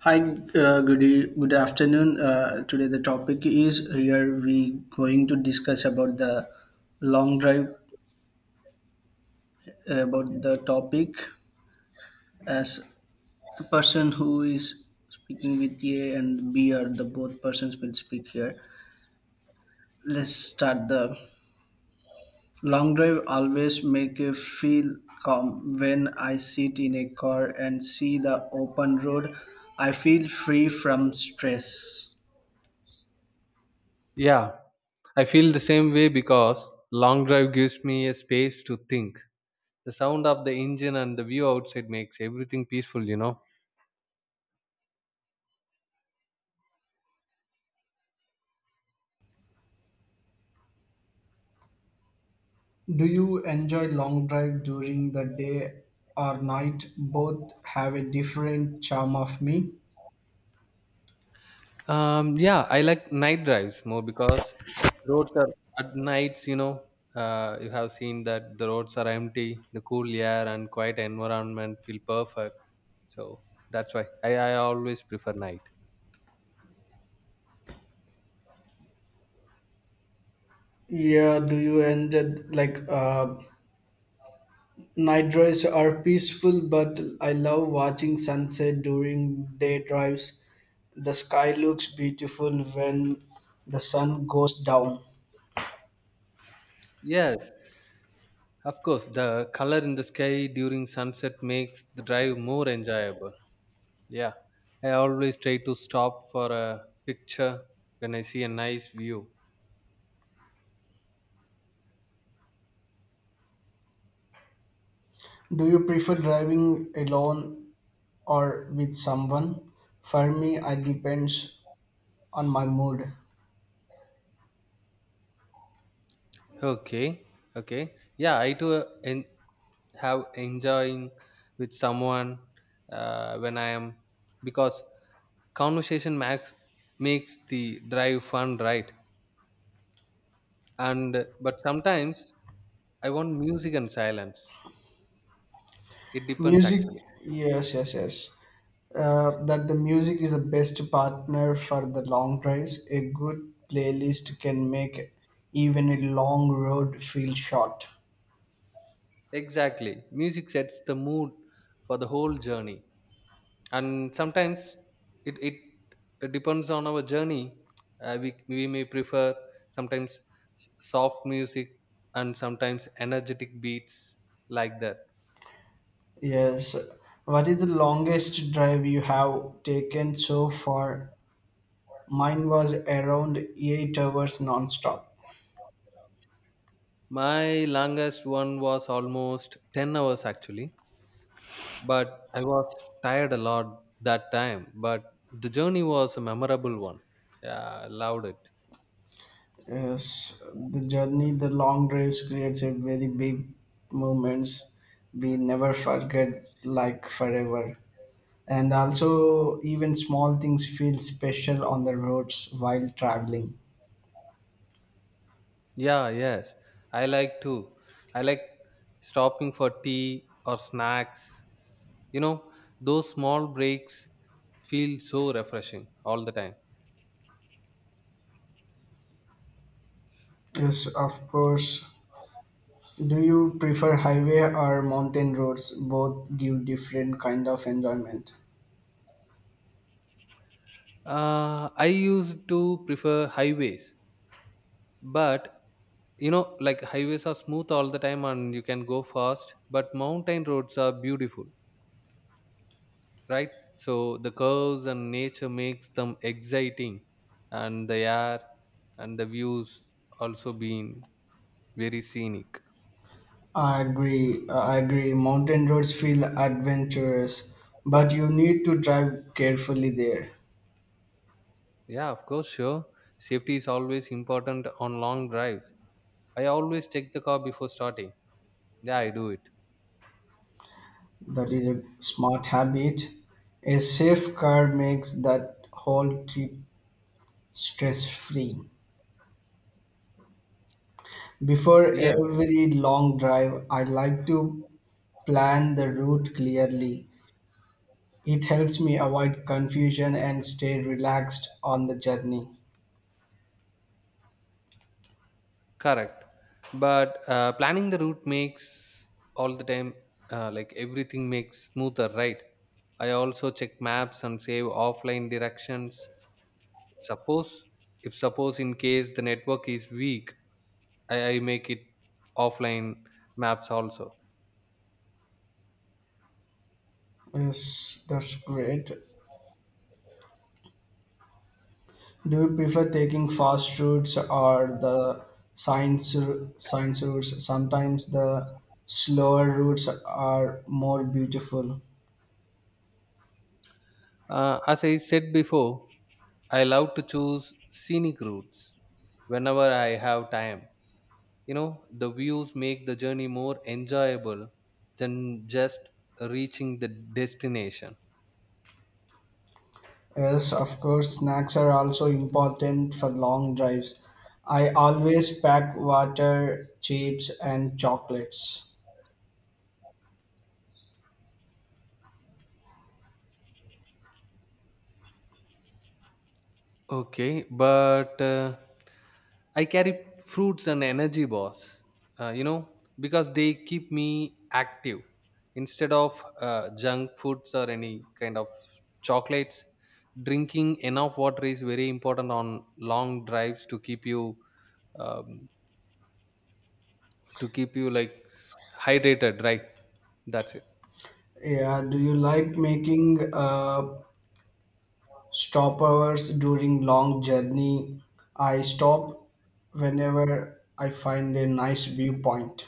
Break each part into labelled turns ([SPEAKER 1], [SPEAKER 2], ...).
[SPEAKER 1] Hi, good, good afternoon. Today the topic is here we going to discuss about the long drive about the topic as the person who is speaking with A and B are the both persons will speak here. Let's start the long drive always make you feel calm when I sit in a car and see the open road. I feel free from stress.
[SPEAKER 2] Yeah, I feel the same way because long drive gives me a space to think. The sound of the engine and the view outside makes everything peaceful,
[SPEAKER 1] Do you enjoy long drive during the day or night? Both have a different charm of me.
[SPEAKER 2] Yeah, I like night drives more because roads are at nights, You have seen that the roads are empty, the cool air and quiet environment feel perfect. So that's why I always prefer night.
[SPEAKER 1] Yeah, do you end it like night drives are peaceful, but I love watching sunset during day drives. The sky looks beautiful when the sun goes down.
[SPEAKER 2] Yes, of course, the color in the sky during sunset makes the drive more enjoyable. Yeah, I always try to stop for a picture when I see a nice view.
[SPEAKER 1] Do you prefer driving alone or with someone? For me, it depends on my mood.
[SPEAKER 2] Okay, okay. Yeah, I do have enjoying with someone when I am because conversation makes the drive fun, right? And but sometimes I want music and silence. It depends
[SPEAKER 1] Music,
[SPEAKER 2] actually.
[SPEAKER 1] yes, yes, yes. That the music is the best partner for the long drives, a good playlist can make even a long road feel short.
[SPEAKER 2] Exactly, music sets the mood for the whole journey. And sometimes it it it depends on our journey. We may prefer sometimes soft music and sometimes energetic beats like that.
[SPEAKER 1] Yes, what is the longest drive you have taken so far? Mine was around 8 hours non-stop.
[SPEAKER 2] My longest one was almost 10 hours actually, but I was tired a lot that time, but the journey was a memorable one. Yeah, I loved it.
[SPEAKER 1] Yes, the journey, the long drives creates a very big moments we never forget like forever. And also, even small things feel special on the roads while traveling.
[SPEAKER 2] Yeah yes I like too. I like stopping for tea or snacks, you know those small breaks feel so refreshing all the time.
[SPEAKER 1] Yes, of course. Do you prefer highway or mountain roads? Both give different kind of enjoyment.
[SPEAKER 2] uh, I used to prefer highways, but you know, like, highways are smooth all the time and you can go fast, but mountain roads are beautiful, right? So the curves and nature makes them exciting, and the air and the views also being very scenic.
[SPEAKER 1] I agree. I agree. Mountain roads feel adventurous, but you need to drive carefully there.
[SPEAKER 2] Yeah, of course, sure, safety is always important on long drives. I always check the car before starting. Yeah, I do it.
[SPEAKER 1] That is a smart habit. A safe car makes that whole trip stress free. Before
[SPEAKER 2] Yes,
[SPEAKER 1] every long drive, I like to plan the route clearly. It helps me avoid confusion and stay relaxed on the journey.
[SPEAKER 2] correct. But planning the route makes all the time, like, everything makes smoother, right? I also check maps and save offline directions. Suppose, if suppose in case the network is weak, I make it offline maps also.
[SPEAKER 1] Yes, that's great. Do you prefer taking fast routes or the science science routes? Sometimes the slower routes are more beautiful.
[SPEAKER 2] As I said before, I love to choose scenic routes whenever I have time. You know, the views make the journey more enjoyable than just reaching the destination.
[SPEAKER 1] Yes, of course, snacks are also important for long drives. I always pack water, chips, and chocolates.
[SPEAKER 2] Okay, but I carry fruits and energy bars. You know, because they keep me active instead of junk foods or any kind of chocolates. Drinking enough water is very important on long drives to keep you um, to keep you, like, hydrated, right? That's it.
[SPEAKER 1] Yeah, do you like making stopovers during long journey? I stop whenever I find a nice viewpoint.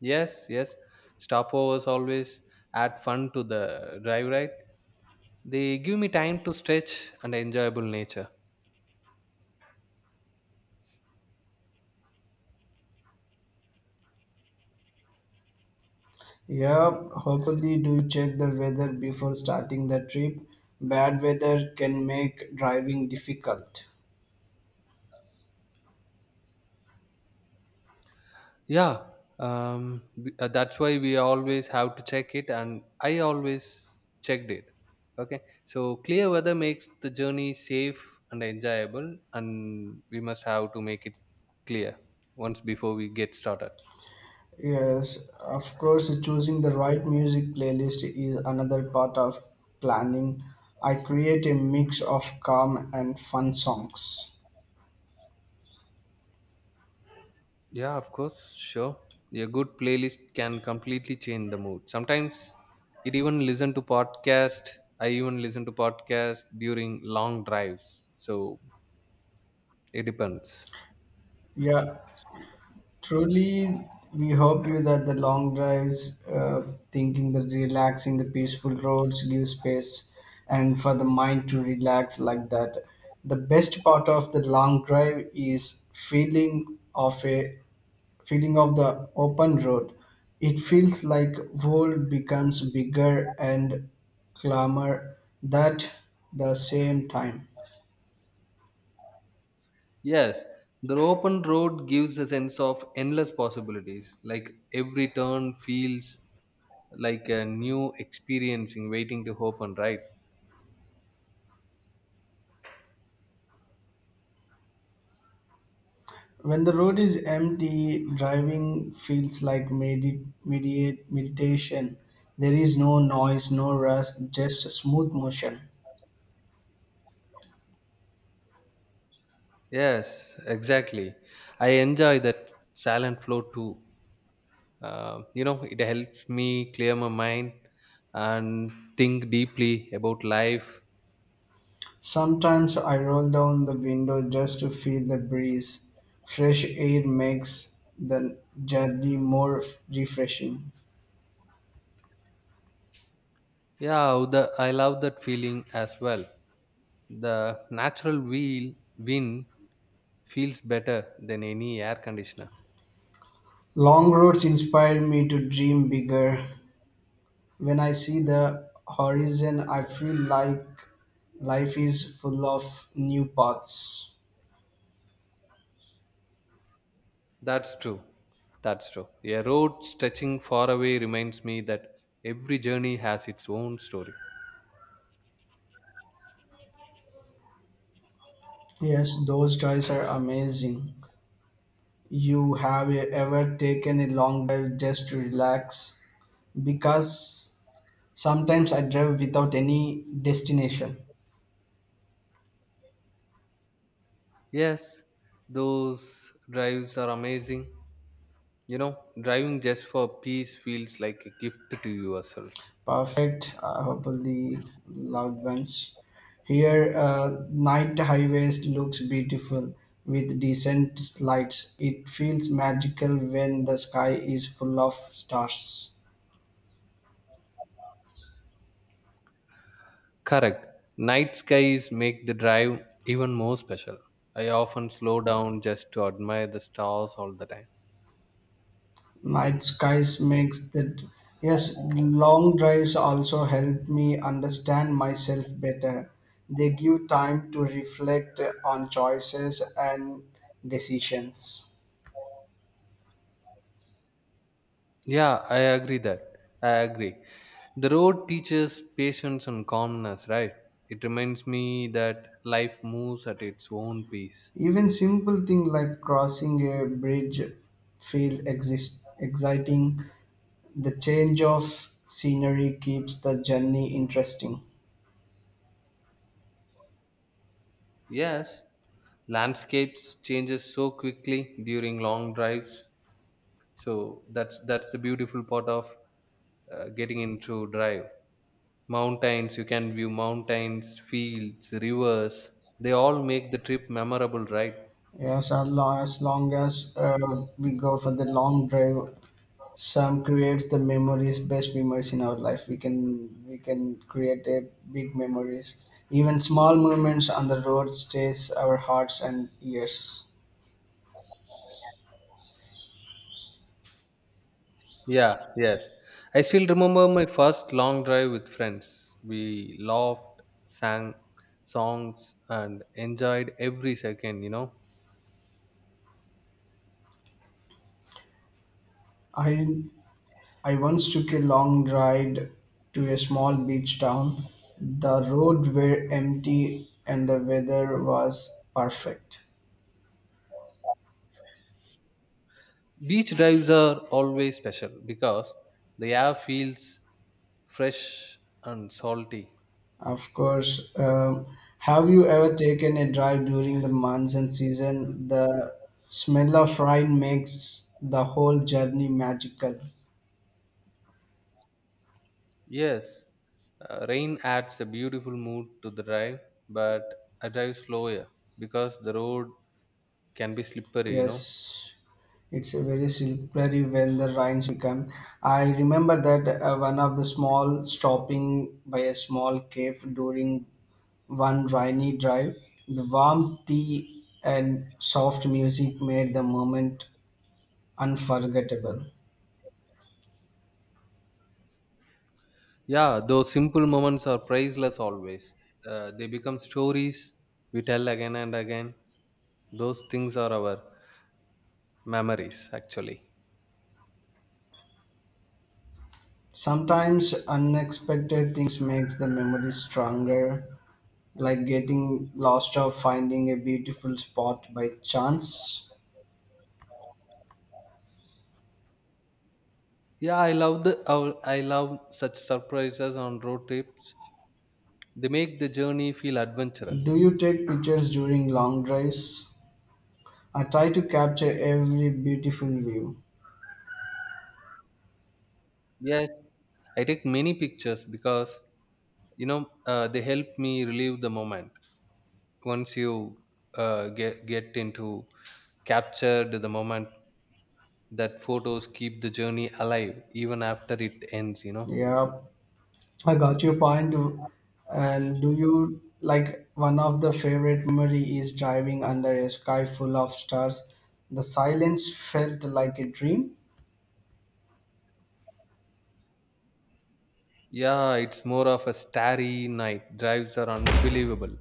[SPEAKER 2] Yes, yes. Stopovers always add fun to the drive, right? They give me time to stretch and enjoyable nature.
[SPEAKER 1] Yeah, hopefully do check the weather before starting the trip. Bad weather can make driving difficult.
[SPEAKER 2] Yeah, that's why we always have to check it, and I always checked it. Okay, so clear weather makes the journey safe and enjoyable, and we must have to make it clear once before we get started.
[SPEAKER 1] Yes, of course, choosing the right music playlist is another part of planning. I create a mix of calm and fun songs.
[SPEAKER 2] Yeah, of course, sure. A good playlist can completely change the mood. Sometimes it even listen to podcast. I even listen to podcast during long drives. So it depends.
[SPEAKER 1] Yeah, truly, we hope you that the long drives, thinking the relaxing, the peaceful roads give space and for the mind to relax like that. The best part of the long drive is feeling of the open road. It feels like world becomes bigger and clamor that the same time.
[SPEAKER 2] Yes, the open road gives a sense of endless possibilities. Like, every turn feels like a new experiencing waiting to open, right?
[SPEAKER 1] When the road is empty, driving feels like mediate meditation. There is no noise, no rush, just a smooth motion.
[SPEAKER 2] Yes, exactly. I enjoy that silent flow too. You know, it helps me clear my mind and think deeply about life.
[SPEAKER 1] Sometimes I roll down the window just to feel the breeze. Fresh air makes the journey more refreshing.
[SPEAKER 2] I love that feeling as well. The natural wheel wind feels better than any air conditioner.
[SPEAKER 1] Long roads inspire me to dream bigger. When I see the horizon, I feel like life is full of new paths.
[SPEAKER 2] That's true that's true a road stretching far away reminds me that every journey has its own story.
[SPEAKER 1] Yes, those drives are amazing. You ever taken a long drive just to relax? Because sometimes I drive without any destination.
[SPEAKER 2] Yes, those drives are amazing. You know, driving just for peace feels like a gift to yourself.
[SPEAKER 1] Perfect. I hope loved ones. Here, night highways looks beautiful with decent lights. It feels magical when the sky is full of stars.
[SPEAKER 2] Correct. Night skies make the drive even more special. I often slow down just to admire the stars all the time.
[SPEAKER 1] Night skies makes that. Yes, long drives also help me understand myself better. They give time to reflect on choices and decisions.
[SPEAKER 2] Yeah, I agree that. I agree. The road teaches patience and calmness, right? It reminds me that life moves at its own pace.
[SPEAKER 1] Even simple things like crossing a bridge feel exciting. The change of scenery keeps the journey interesting.
[SPEAKER 2] Yes, landscapes changes so quickly during long drives. So that's the beautiful part of getting into drive. Mountains, you can view mountains, fields, rivers, they all make the trip memorable, right?
[SPEAKER 1] Yes, long as we go for the long drive, some creates the memories, best memories in our life. We can create a big memories. Even small movements on the road stays our hearts and ears.
[SPEAKER 2] Yeah yes I still remember my first long drive with friends. We laughed, sang songs and enjoyed every second,
[SPEAKER 1] I I once took a long ride to a small beach town. The roads were empty and the weather was perfect.
[SPEAKER 2] beach drives are always special because the air feels fresh and salty.
[SPEAKER 1] Of course, have you ever taken a drive during the monsoon season? The smell of rain makes the whole journey magical.
[SPEAKER 2] Yes, rain adds a beautiful mood to the drive, but I drive slower because the road can be slippery,
[SPEAKER 1] Yes, it's a very slippery when the rains become. I remember that one of the small stopping by a small cave during one rainy drive, the warm tea and soft music made the moment unforgettable.
[SPEAKER 2] yeah, those simple moments are priceless always. They become stories we tell again and again. Those things are our memories actually.
[SPEAKER 1] Sometimes unexpected things makes the memory stronger, like getting lost or finding a beautiful spot by chance.
[SPEAKER 2] I love such surprises on road trips. They make the journey feel
[SPEAKER 1] Do
[SPEAKER 2] adventurous.
[SPEAKER 1] you take pictures during long drives? I try to capture every beautiful view.
[SPEAKER 2] Yes, I take many pictures because, you know, they help me relive the moment. Once you get into captured the moment, that photos keep the journey alive even after it ends,
[SPEAKER 1] Yeah, I got your point. And do you like one of the favorite memory is driving under a sky full of stars? The silence felt like a dream.
[SPEAKER 2] yeah it's more of a starry night drives are unbelievable.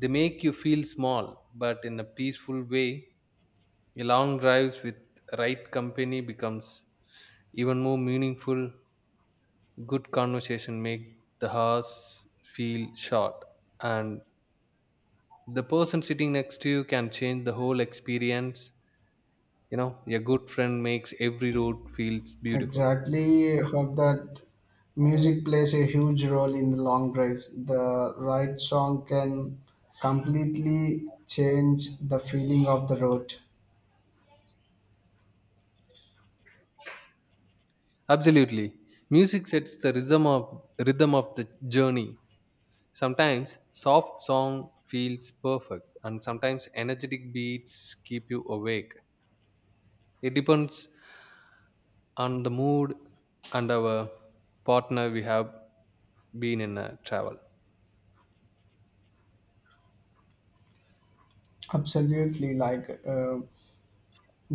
[SPEAKER 2] They make you feel small but in a peaceful way. Long drives with right company becomes even more meaningful. Good conversation make the hours feel short, and the person sitting next to you can change the whole experience. You know, a good friend makes every road feels beautiful.
[SPEAKER 1] Exactly, hope that music plays a huge role in the long drives. The right song can completely change the feeling of the road.
[SPEAKER 2] Absolutely. Music sets the rhythm of the journey. Sometimes soft song feels perfect and sometimes energetic beats keep you awake. It depends on the mood and our partner we have been in a travel.
[SPEAKER 1] Absolutely, like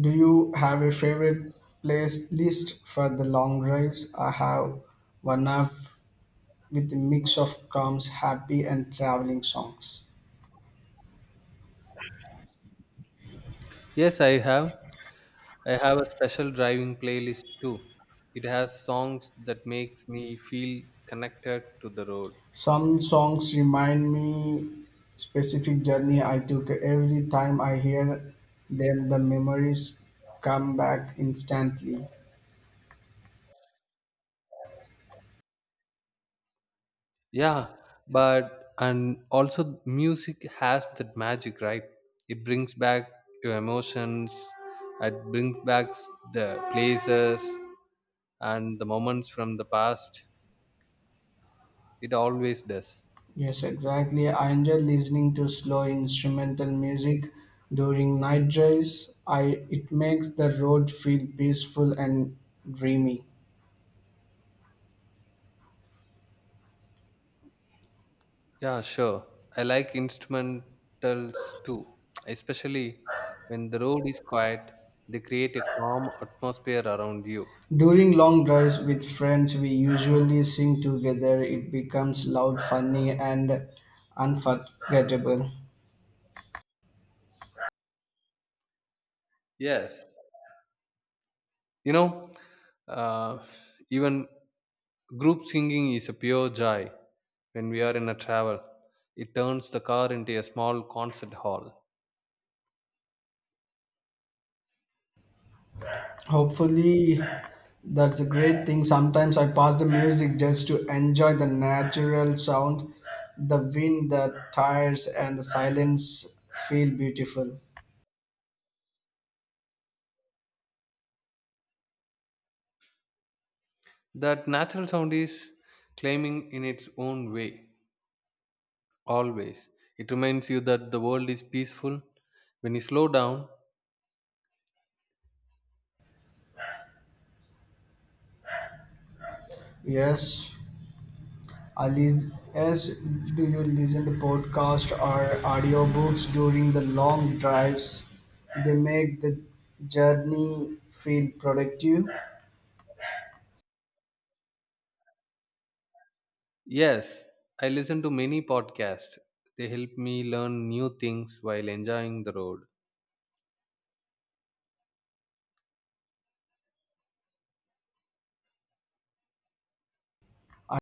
[SPEAKER 1] do you have a favorite place list for the long drives? I have one of with a mix of calms, happy and traveling songs.
[SPEAKER 2] Yes, I have. I have a special driving playlist too. It has songs that makes me feel connected to the road.
[SPEAKER 1] Some songs remind me specific journey I took. Every time I hear them, the memories come back instantly.
[SPEAKER 2] Yeah, but and also music has that magic, right? It brings back your emotions, it brings back the places and the moments from the past. It always does.
[SPEAKER 1] Yes, exactly. I enjoy listening to slow instrumental music during night drives. I it makes the road feel peaceful and dreamy.
[SPEAKER 2] Yeah, sure, I like instrumentals too, especially when the road is quiet. They create a calm atmosphere around you.
[SPEAKER 1] During long drives with friends, we usually sing together. It becomes loud, funny, and unforgettable.
[SPEAKER 2] Yes, you know, uh, even group singing is a pure joy when we are in a travel. It turns the car into a small concert hall.
[SPEAKER 1] Hopefully, that's a great thing. Sometimes I pass the music just to enjoy the natural sound, the wind, the tires, and the silence feel beautiful.
[SPEAKER 2] That natural sound is claiming in its own way, always. It reminds you that the world is peaceful when you slow down.
[SPEAKER 1] Yes. Alice, yes, do you listen to podcasts or audiobooks during the long drives? They make the journey feel productive.
[SPEAKER 2] Yes, I listen to many podcasts. They help me learn new things while enjoying the road.
[SPEAKER 1] I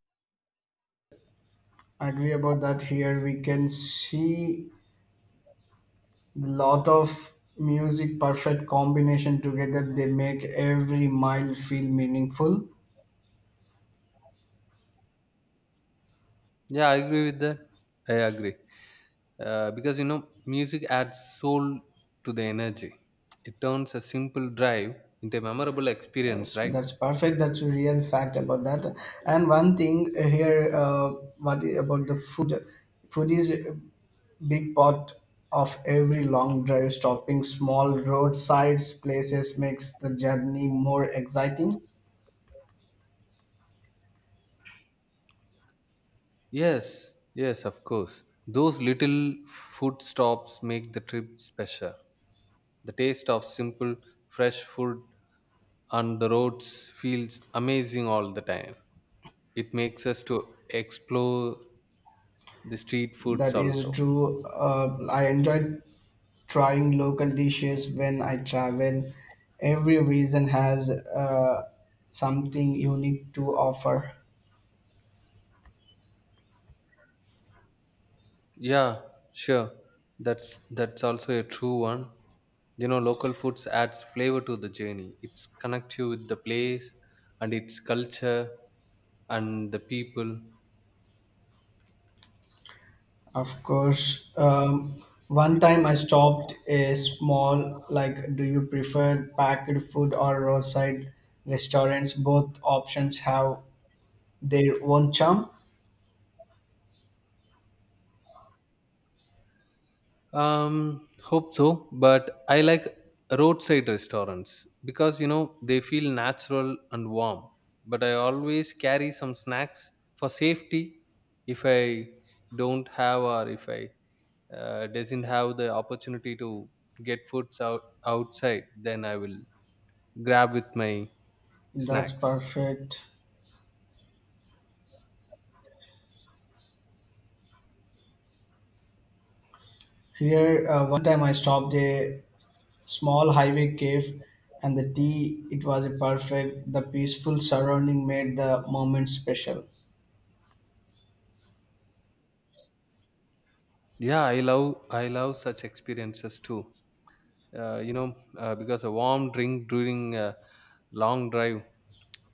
[SPEAKER 1] agree about that here. We can see the lot of music perfect combination together. They make every mile feel meaningful.
[SPEAKER 2] Yeah, I agree with that. I agree. Because, you know, music adds soul to the energy. It turns a simple drive into a memorable experience,
[SPEAKER 1] Yes,
[SPEAKER 2] right?
[SPEAKER 1] that's perfect. That's a real fact about that. And one thing here, about the food? Food is a big part of every long drive. Stopping small roadsides places makes the journey more exciting.
[SPEAKER 2] Yes, yes, of course, those little food stops make the trip special. The taste of simple fresh food on the roads feels amazing all the time. It makes us to explore the street foods
[SPEAKER 1] That is
[SPEAKER 2] also.
[SPEAKER 1] true. I enjoy trying local dishes when I travel. Every region has something unique to offer.
[SPEAKER 2] Yeah, sure. That's also a true one. You know, local foods adds flavor to the journey. It's connect you with the place and its culture and the people.
[SPEAKER 1] Of course. One time I stopped a small, like, do you prefer packed food or roadside restaurants? Both options have their own charm.
[SPEAKER 2] Hope so. But I like roadside restaurants because, you know, they feel natural and warm. But I always carry some snacks for safety if I don't have, or if I doesn't have the opportunity to get foods out outside, then I will grab with my
[SPEAKER 1] That's
[SPEAKER 2] snacks.
[SPEAKER 1] perfect. Here, one time I stopped a small highway cave, and the tea, it was a perfect. The peaceful surrounding made the moment special.
[SPEAKER 2] I love such experiences too. You know, because a warm drink during a long drive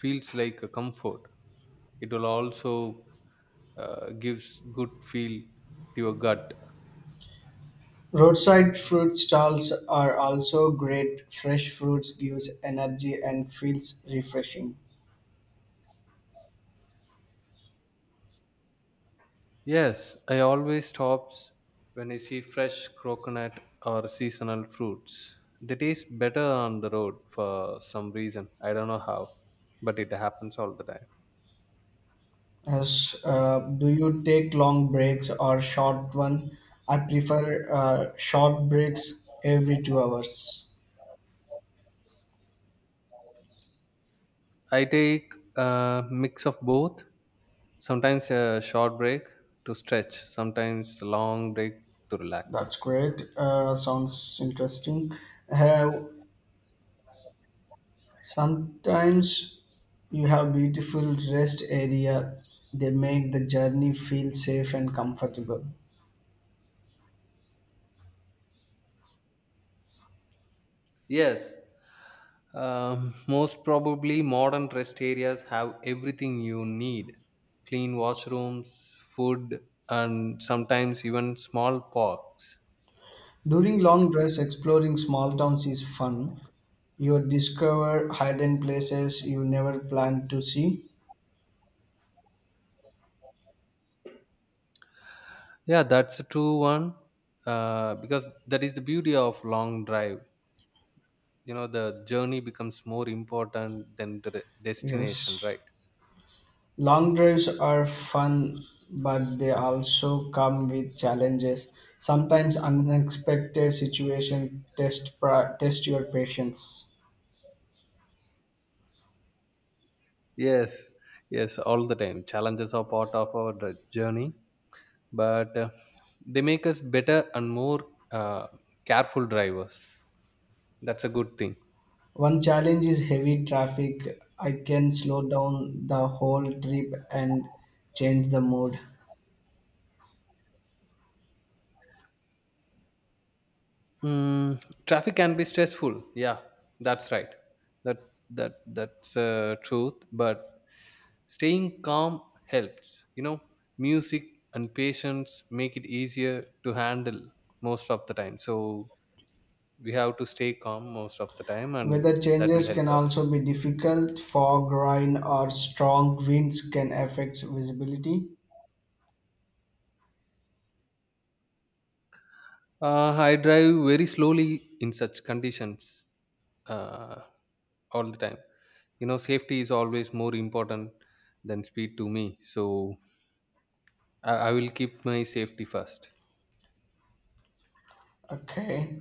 [SPEAKER 2] feels like a comfort. It will also gives good feel to your gut.
[SPEAKER 1] Roadside fruit stalls are also great. Fresh fruits gives energy and feels refreshing.
[SPEAKER 2] Yes, I always stops when I see fresh coconut or seasonal fruits. They taste better on the road for some reason. I don't know how, but it happens all the time.
[SPEAKER 1] Yes, do you take long breaks or short one? I prefer short breaks every 2 hours.
[SPEAKER 2] I take a mix of both. Sometimes a short break to stretch, sometimes a long break to
[SPEAKER 1] That's
[SPEAKER 2] relax.
[SPEAKER 1] great. Sounds interesting. Have sometimes you have beautiful rest area. They make the journey feel safe and comfortable.
[SPEAKER 2] Yes. Most probably, modern rest areas have everything you need: clean washrooms, food, and sometimes even small parks.
[SPEAKER 1] During long drives, exploring small towns is fun. You discover hidden places you never planned to see.
[SPEAKER 2] Yeah, that's a true one. Because that is the beauty of long drive. You know, the journey becomes more important than the destination,
[SPEAKER 1] Yes.
[SPEAKER 2] right?
[SPEAKER 1] Long drives are fun, but they also come with challenges. Sometimes unexpected situations test, test your patience.
[SPEAKER 2] Yes, yes, all the time. Challenges are part of our journey, but they make us better and more uh, careful drivers. That's a good thing.
[SPEAKER 1] One challenge is heavy traffic. I can slow down the whole trip and change the mood.
[SPEAKER 2] Mm, traffic can be stressful. Yeah, that's right. That that's truth. But staying calm helps. You know, music and patience make it easier to handle most of the time. So we have to stay calm most of the time, and
[SPEAKER 1] Weather
[SPEAKER 2] that will
[SPEAKER 1] changes can
[SPEAKER 2] help us.
[SPEAKER 1] also be difficult. Fog, rain, or strong winds can affect visibility.
[SPEAKER 2] I drive very slowly in such conditions uh, all the time. You know, safety is always more important than speed to me. So I will keep my safety first.
[SPEAKER 1] Okay.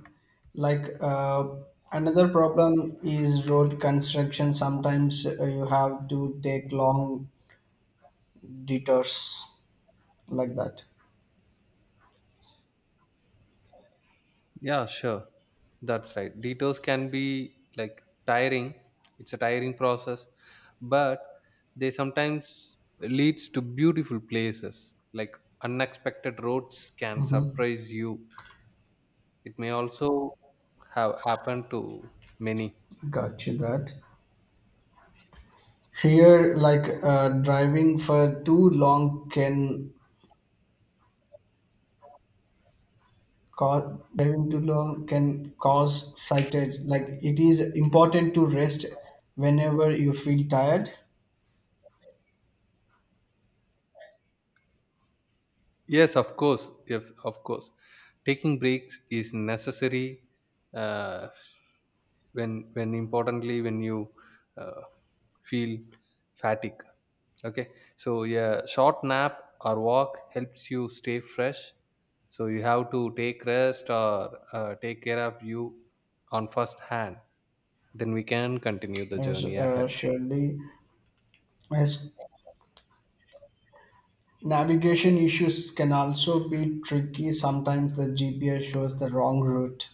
[SPEAKER 1] Like another problem is road construction. Sometimes you have to take long detours like that.
[SPEAKER 2] Yeah, sure. That's right. Detours can be like tiring. It's a tiring process, but they sometimes leads to beautiful places. Like, unexpected roads can
[SPEAKER 1] Mm-hmm.
[SPEAKER 2] surprise you. It may also have happened to many.
[SPEAKER 1] Got you that. Here, like driving too long can cause fatigue. Like it is important to rest whenever you feel tired.
[SPEAKER 2] Yes, of course. If of course. Taking breaks is necessary uh, when importantly when you uh, feel fatigue. Okay, so yeah, short nap or walk helps you stay fresh. So you have to take rest or take care of you on first hand, then we can continue the
[SPEAKER 1] Yes,
[SPEAKER 2] journey ahead.
[SPEAKER 1] surely. Yes, navigation issues can also be tricky. Sometimes the GPS shows the wrong route.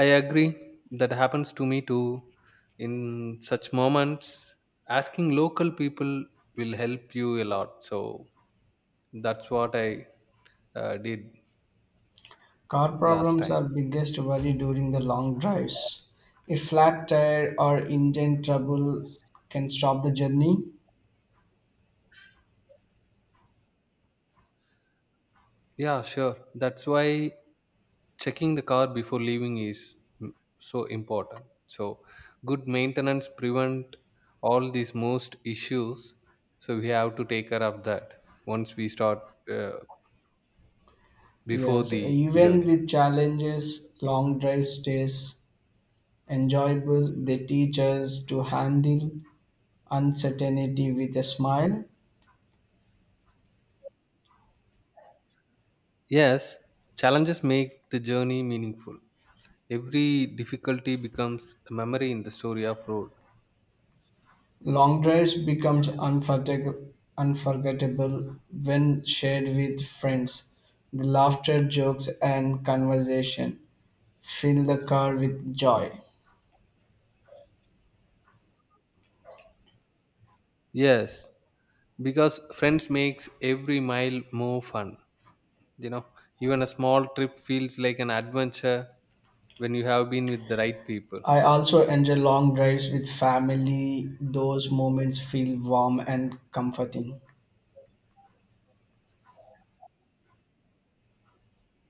[SPEAKER 2] I agree, that happens to me too. In such moments, asking local people will help you a lot. So that's what I did
[SPEAKER 1] Car
[SPEAKER 2] last
[SPEAKER 1] problems
[SPEAKER 2] time.
[SPEAKER 1] are biggest worry during the long drives. A flat tire or engine trouble can stop the journey.
[SPEAKER 2] Yeah, sure. That's why checking the car before leaving is mm, so important. So, good maintenance prevent all these most issues. So we have to take care of that once we start, uh, before
[SPEAKER 1] Yes,
[SPEAKER 2] the
[SPEAKER 1] even
[SPEAKER 2] journey.
[SPEAKER 1] with challenges, long drive stays enjoyable. They teach us to handle uncertainty with a smile.
[SPEAKER 2] Yes, challenges make the journey meaningful. Every difficulty becomes a memory in the story of road.
[SPEAKER 1] Long drives become unforgettable when shared with friends. The laughter, jokes, and conversation fill the car with joy.
[SPEAKER 2] Yes, because friends makes every mile more fun, you know. Even a small trip feels like an adventure when you have been with the right people.
[SPEAKER 1] I also enjoy long drives with family. Those moments feel warm and comforting.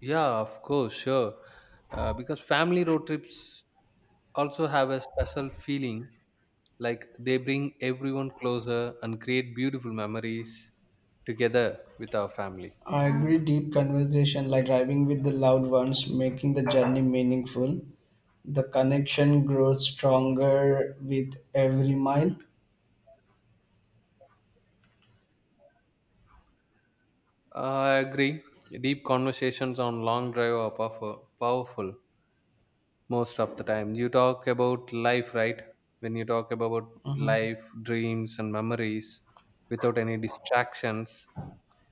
[SPEAKER 2] Yeah, of course, sure. Because family road trips also have a special feeling, like, they bring everyone closer and create beautiful memories together with our family.
[SPEAKER 1] I agree, deep conversation like driving with the loved ones, making the journey meaningful. The connection grows stronger with every mile.
[SPEAKER 2] I agree, deep conversations on long drive are powerful most of the time. You talk about life, right? When you talk about
[SPEAKER 1] Mhm.
[SPEAKER 2] life, dreams, and memories without any distractions,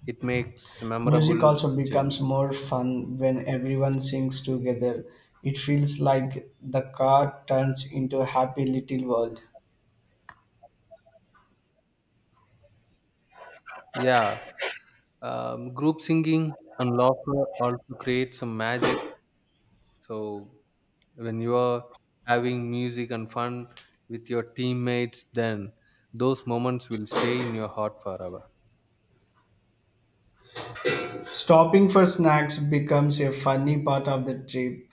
[SPEAKER 2] it makes a
[SPEAKER 1] Music
[SPEAKER 2] memorable
[SPEAKER 1] also becomes
[SPEAKER 2] journey.
[SPEAKER 1] more fun when everyone sings together. It feels like the car turns into a happy little world.
[SPEAKER 2] Yeah, group singing and laughter also create some magic. So when you are having music and fun with your teammates, then those moments will stay in your heart forever.
[SPEAKER 1] Stopping for snacks becomes a funny part of the trip.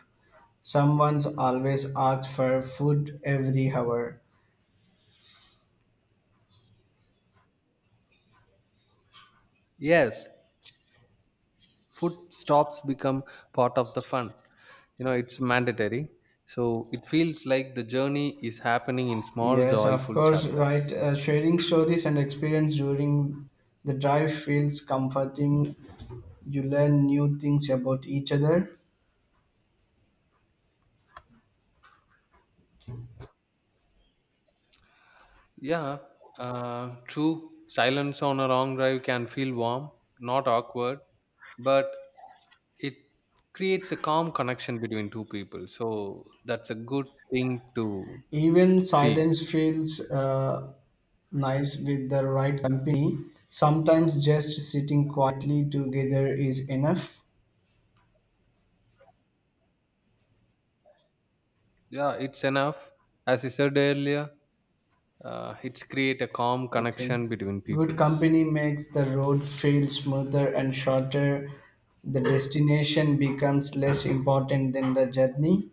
[SPEAKER 1] Someone's always asks for food every hour.
[SPEAKER 2] Yes, food stops become part of the fun, you know, it's mandatory. So it feels like the journey is happening in small
[SPEAKER 1] Yes, of
[SPEAKER 2] joyful
[SPEAKER 1] course, right.
[SPEAKER 2] chapters.
[SPEAKER 1] Sharing stories and experience during the drive feels comforting. You learn new things about each other.
[SPEAKER 2] Yeah, true, silence on a long drive can feel warm, not awkward, but it creates a calm connection between two people. So that's a good thing to
[SPEAKER 1] Even
[SPEAKER 2] feel.
[SPEAKER 1] silence feels nice with the right company. Sometimes just sitting quietly together is enough.
[SPEAKER 2] Yeah, it's enough. As I said earlier, it's create a calm
[SPEAKER 1] Okay.
[SPEAKER 2] connection between
[SPEAKER 1] Good
[SPEAKER 2] peoples.
[SPEAKER 1] company makes the road feel smoother and shorter. The destination becomes less important than the journey.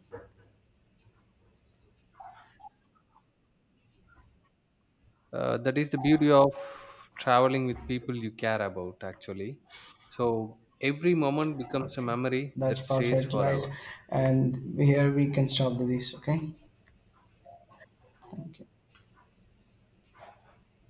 [SPEAKER 2] That is the beauty of traveling with people you care about actually. So every moment becomes a
[SPEAKER 1] Okay.
[SPEAKER 2] memory
[SPEAKER 1] That's
[SPEAKER 2] that stays
[SPEAKER 1] perfect, right?
[SPEAKER 2] forever.
[SPEAKER 1] And here we can stop this. Okay. Thank you.